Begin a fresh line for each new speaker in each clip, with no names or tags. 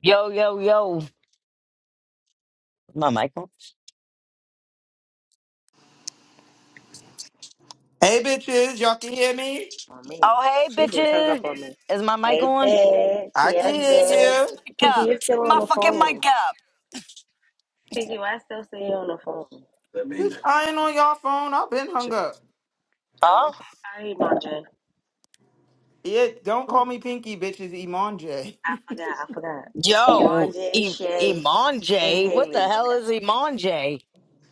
Yo, yo, yo. Is my mic on?
Hey bitches, y'all can hear me?
on me.
Oh, hey,
She just hung up
bitches.
on me.
Is my mic
Hey,
on?
bitch.
I
Yes,
can
Turn
bitch.
hear you.
my mic
Pinky,
up.
you still
Turn my
on the
fucking mic
phone.
up.
Pinky, why still see you on the phone?
Bitch, I ain't on y'all phone. I've been hung up.
No,
Huh?
okay. Sorry, Imanje.
Yeah, don't call me Pinky, bitches. Iman J.
I forgot. I forgot.
Yo,
Imanje,
I-
Shay,
Iman
and
J. What the
Haley.
hell is Iman J?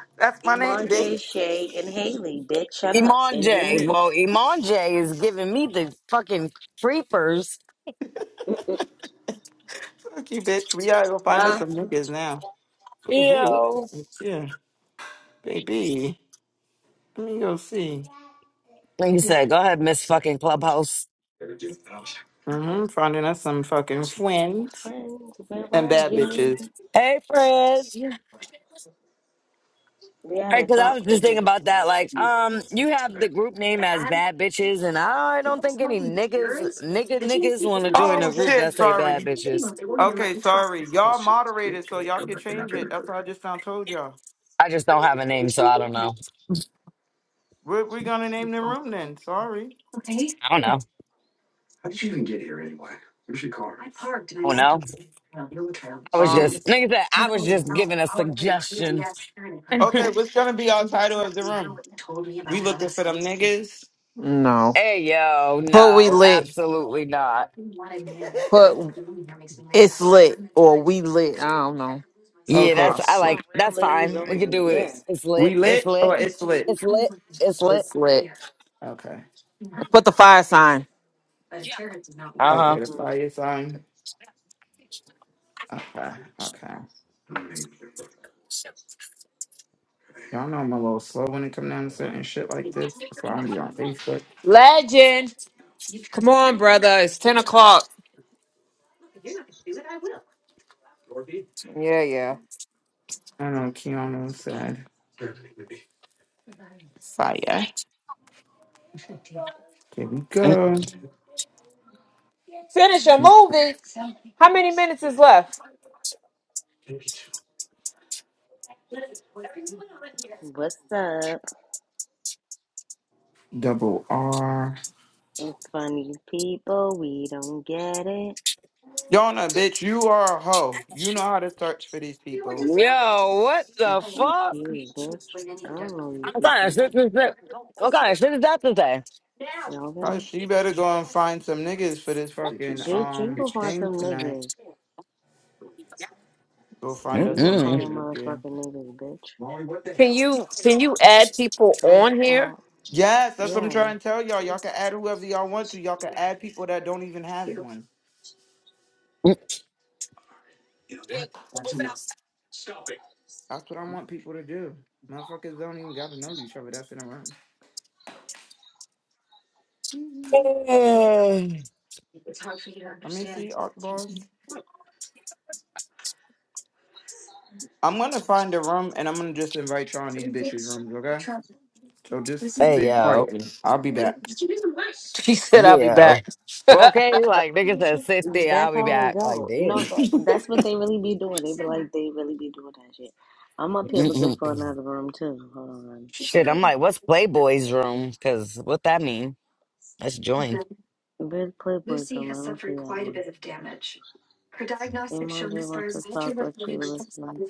That's my name,
Imanje,
bitch.
Shay, and Haley. Bitch, shut up.
Iman
And you
J.
need.
Well, Iman J is giving me the fucking creepers.
Fuck you, bitch. We gotta go find us
Huh?
some niggas now. Ooh, who is
Yo.
this? Yeah, baby. Let me go see.
Like you said, go ahead, Miss fucking Clubhouse.
Mm-hmm. Finding us some fucking friends
Friends, where
and
are
bad
you?
bitches.
Hey, friends.
We had
Right,
a
because I
talk
was
for
just thinking
people.
about that. Like, um, you have the group name as bad bitches, and I don't think any niggas, nigga, niggas want to join
Oh
a group that
shit,
say bad
sorry.
bitches.
Okay, sorry. Y'all moderated, so y'all can change it. That's what I just now told y'all.
I just don't have a name, so I don't know.
What we gonna name the room then? Sorry.
I don't know. I don't know. I was
Um,
just, nigga said, I was just giving a suggestion.
Okay, what's gonna be our title of the room? We looking for them niggas.
No.
Hey, yo,
Put we
no,
lit.
absolutely not.
Put it's lit or we lit. I don't know.
Yeah,
Okay.
Oh
that's, I
shit.
For
like,
real
that's
ladies
fine. We could
only.
do
Yeah.
it. It's
We
lit. It's
lit
lit.
or it's lit?
It's lit. It's lit.
It's lit.
Okay.
Put the fire sign.
Uh
Okay, the
hmm
fire sign. Okay, okay. Y'all know I'm a little slow when it come down to certain shit like this. So I'm gonna be on Facebook.
Legend. Come on, brother. It's ten o'clock. Yeah, yeah.
I know Keanu said. Fire. There we
huh.
go.
Finish your movie. How many minutes is left?
What's up?
Double R.
funny people, we don't get it.
Yona, bitch, you are a hoe. You know how to search for these people.
Yo, what
And
the
fuck
fuck?
you, bitch. I don't know these
What kind of
people.
shit is that? What kind of shit is that today?
Cause
Okay?
she better go and find some niggas for this fucking
Bitch, you
um
go find
thing
some
tonight.
niggas.
Go find
You
us
go
some
find a
Mm-mm.
niggas up there.
motherfucking niggas, bitch.
Can you can you add people
Don't
on here?
call.
Yes, that's what I'm
Yeah.
trying to tell y'all. Y'all can add whoever y'all want to. Y'all can add people that don't even have one. That's what I want people to do. Motherfuckers don't even gotta know each other. That's in a room.
Mm.
Let me see, Arc Balls. I'm gonna find a room and I'm gonna just invite y'all in these bitches' rooms, okay? So just
hey
sit
yo,
quietly. I'll be back.
She said I'll be
yo.
back.
Well, okay, like niggas said, sit there.
That's
I'll be
how it
back. Like
go. No,
damn.
that that's what they really be doing. They be like, they really be doing that shit. I'm up here looking
Mm-mm.
for another room, too. Hold on.
Shit, I'm like, what's Playboy's room? Cause what that mean? Let's join.
Big Playboy room. I don't see that one. Imanje wants to talk with you. Listen.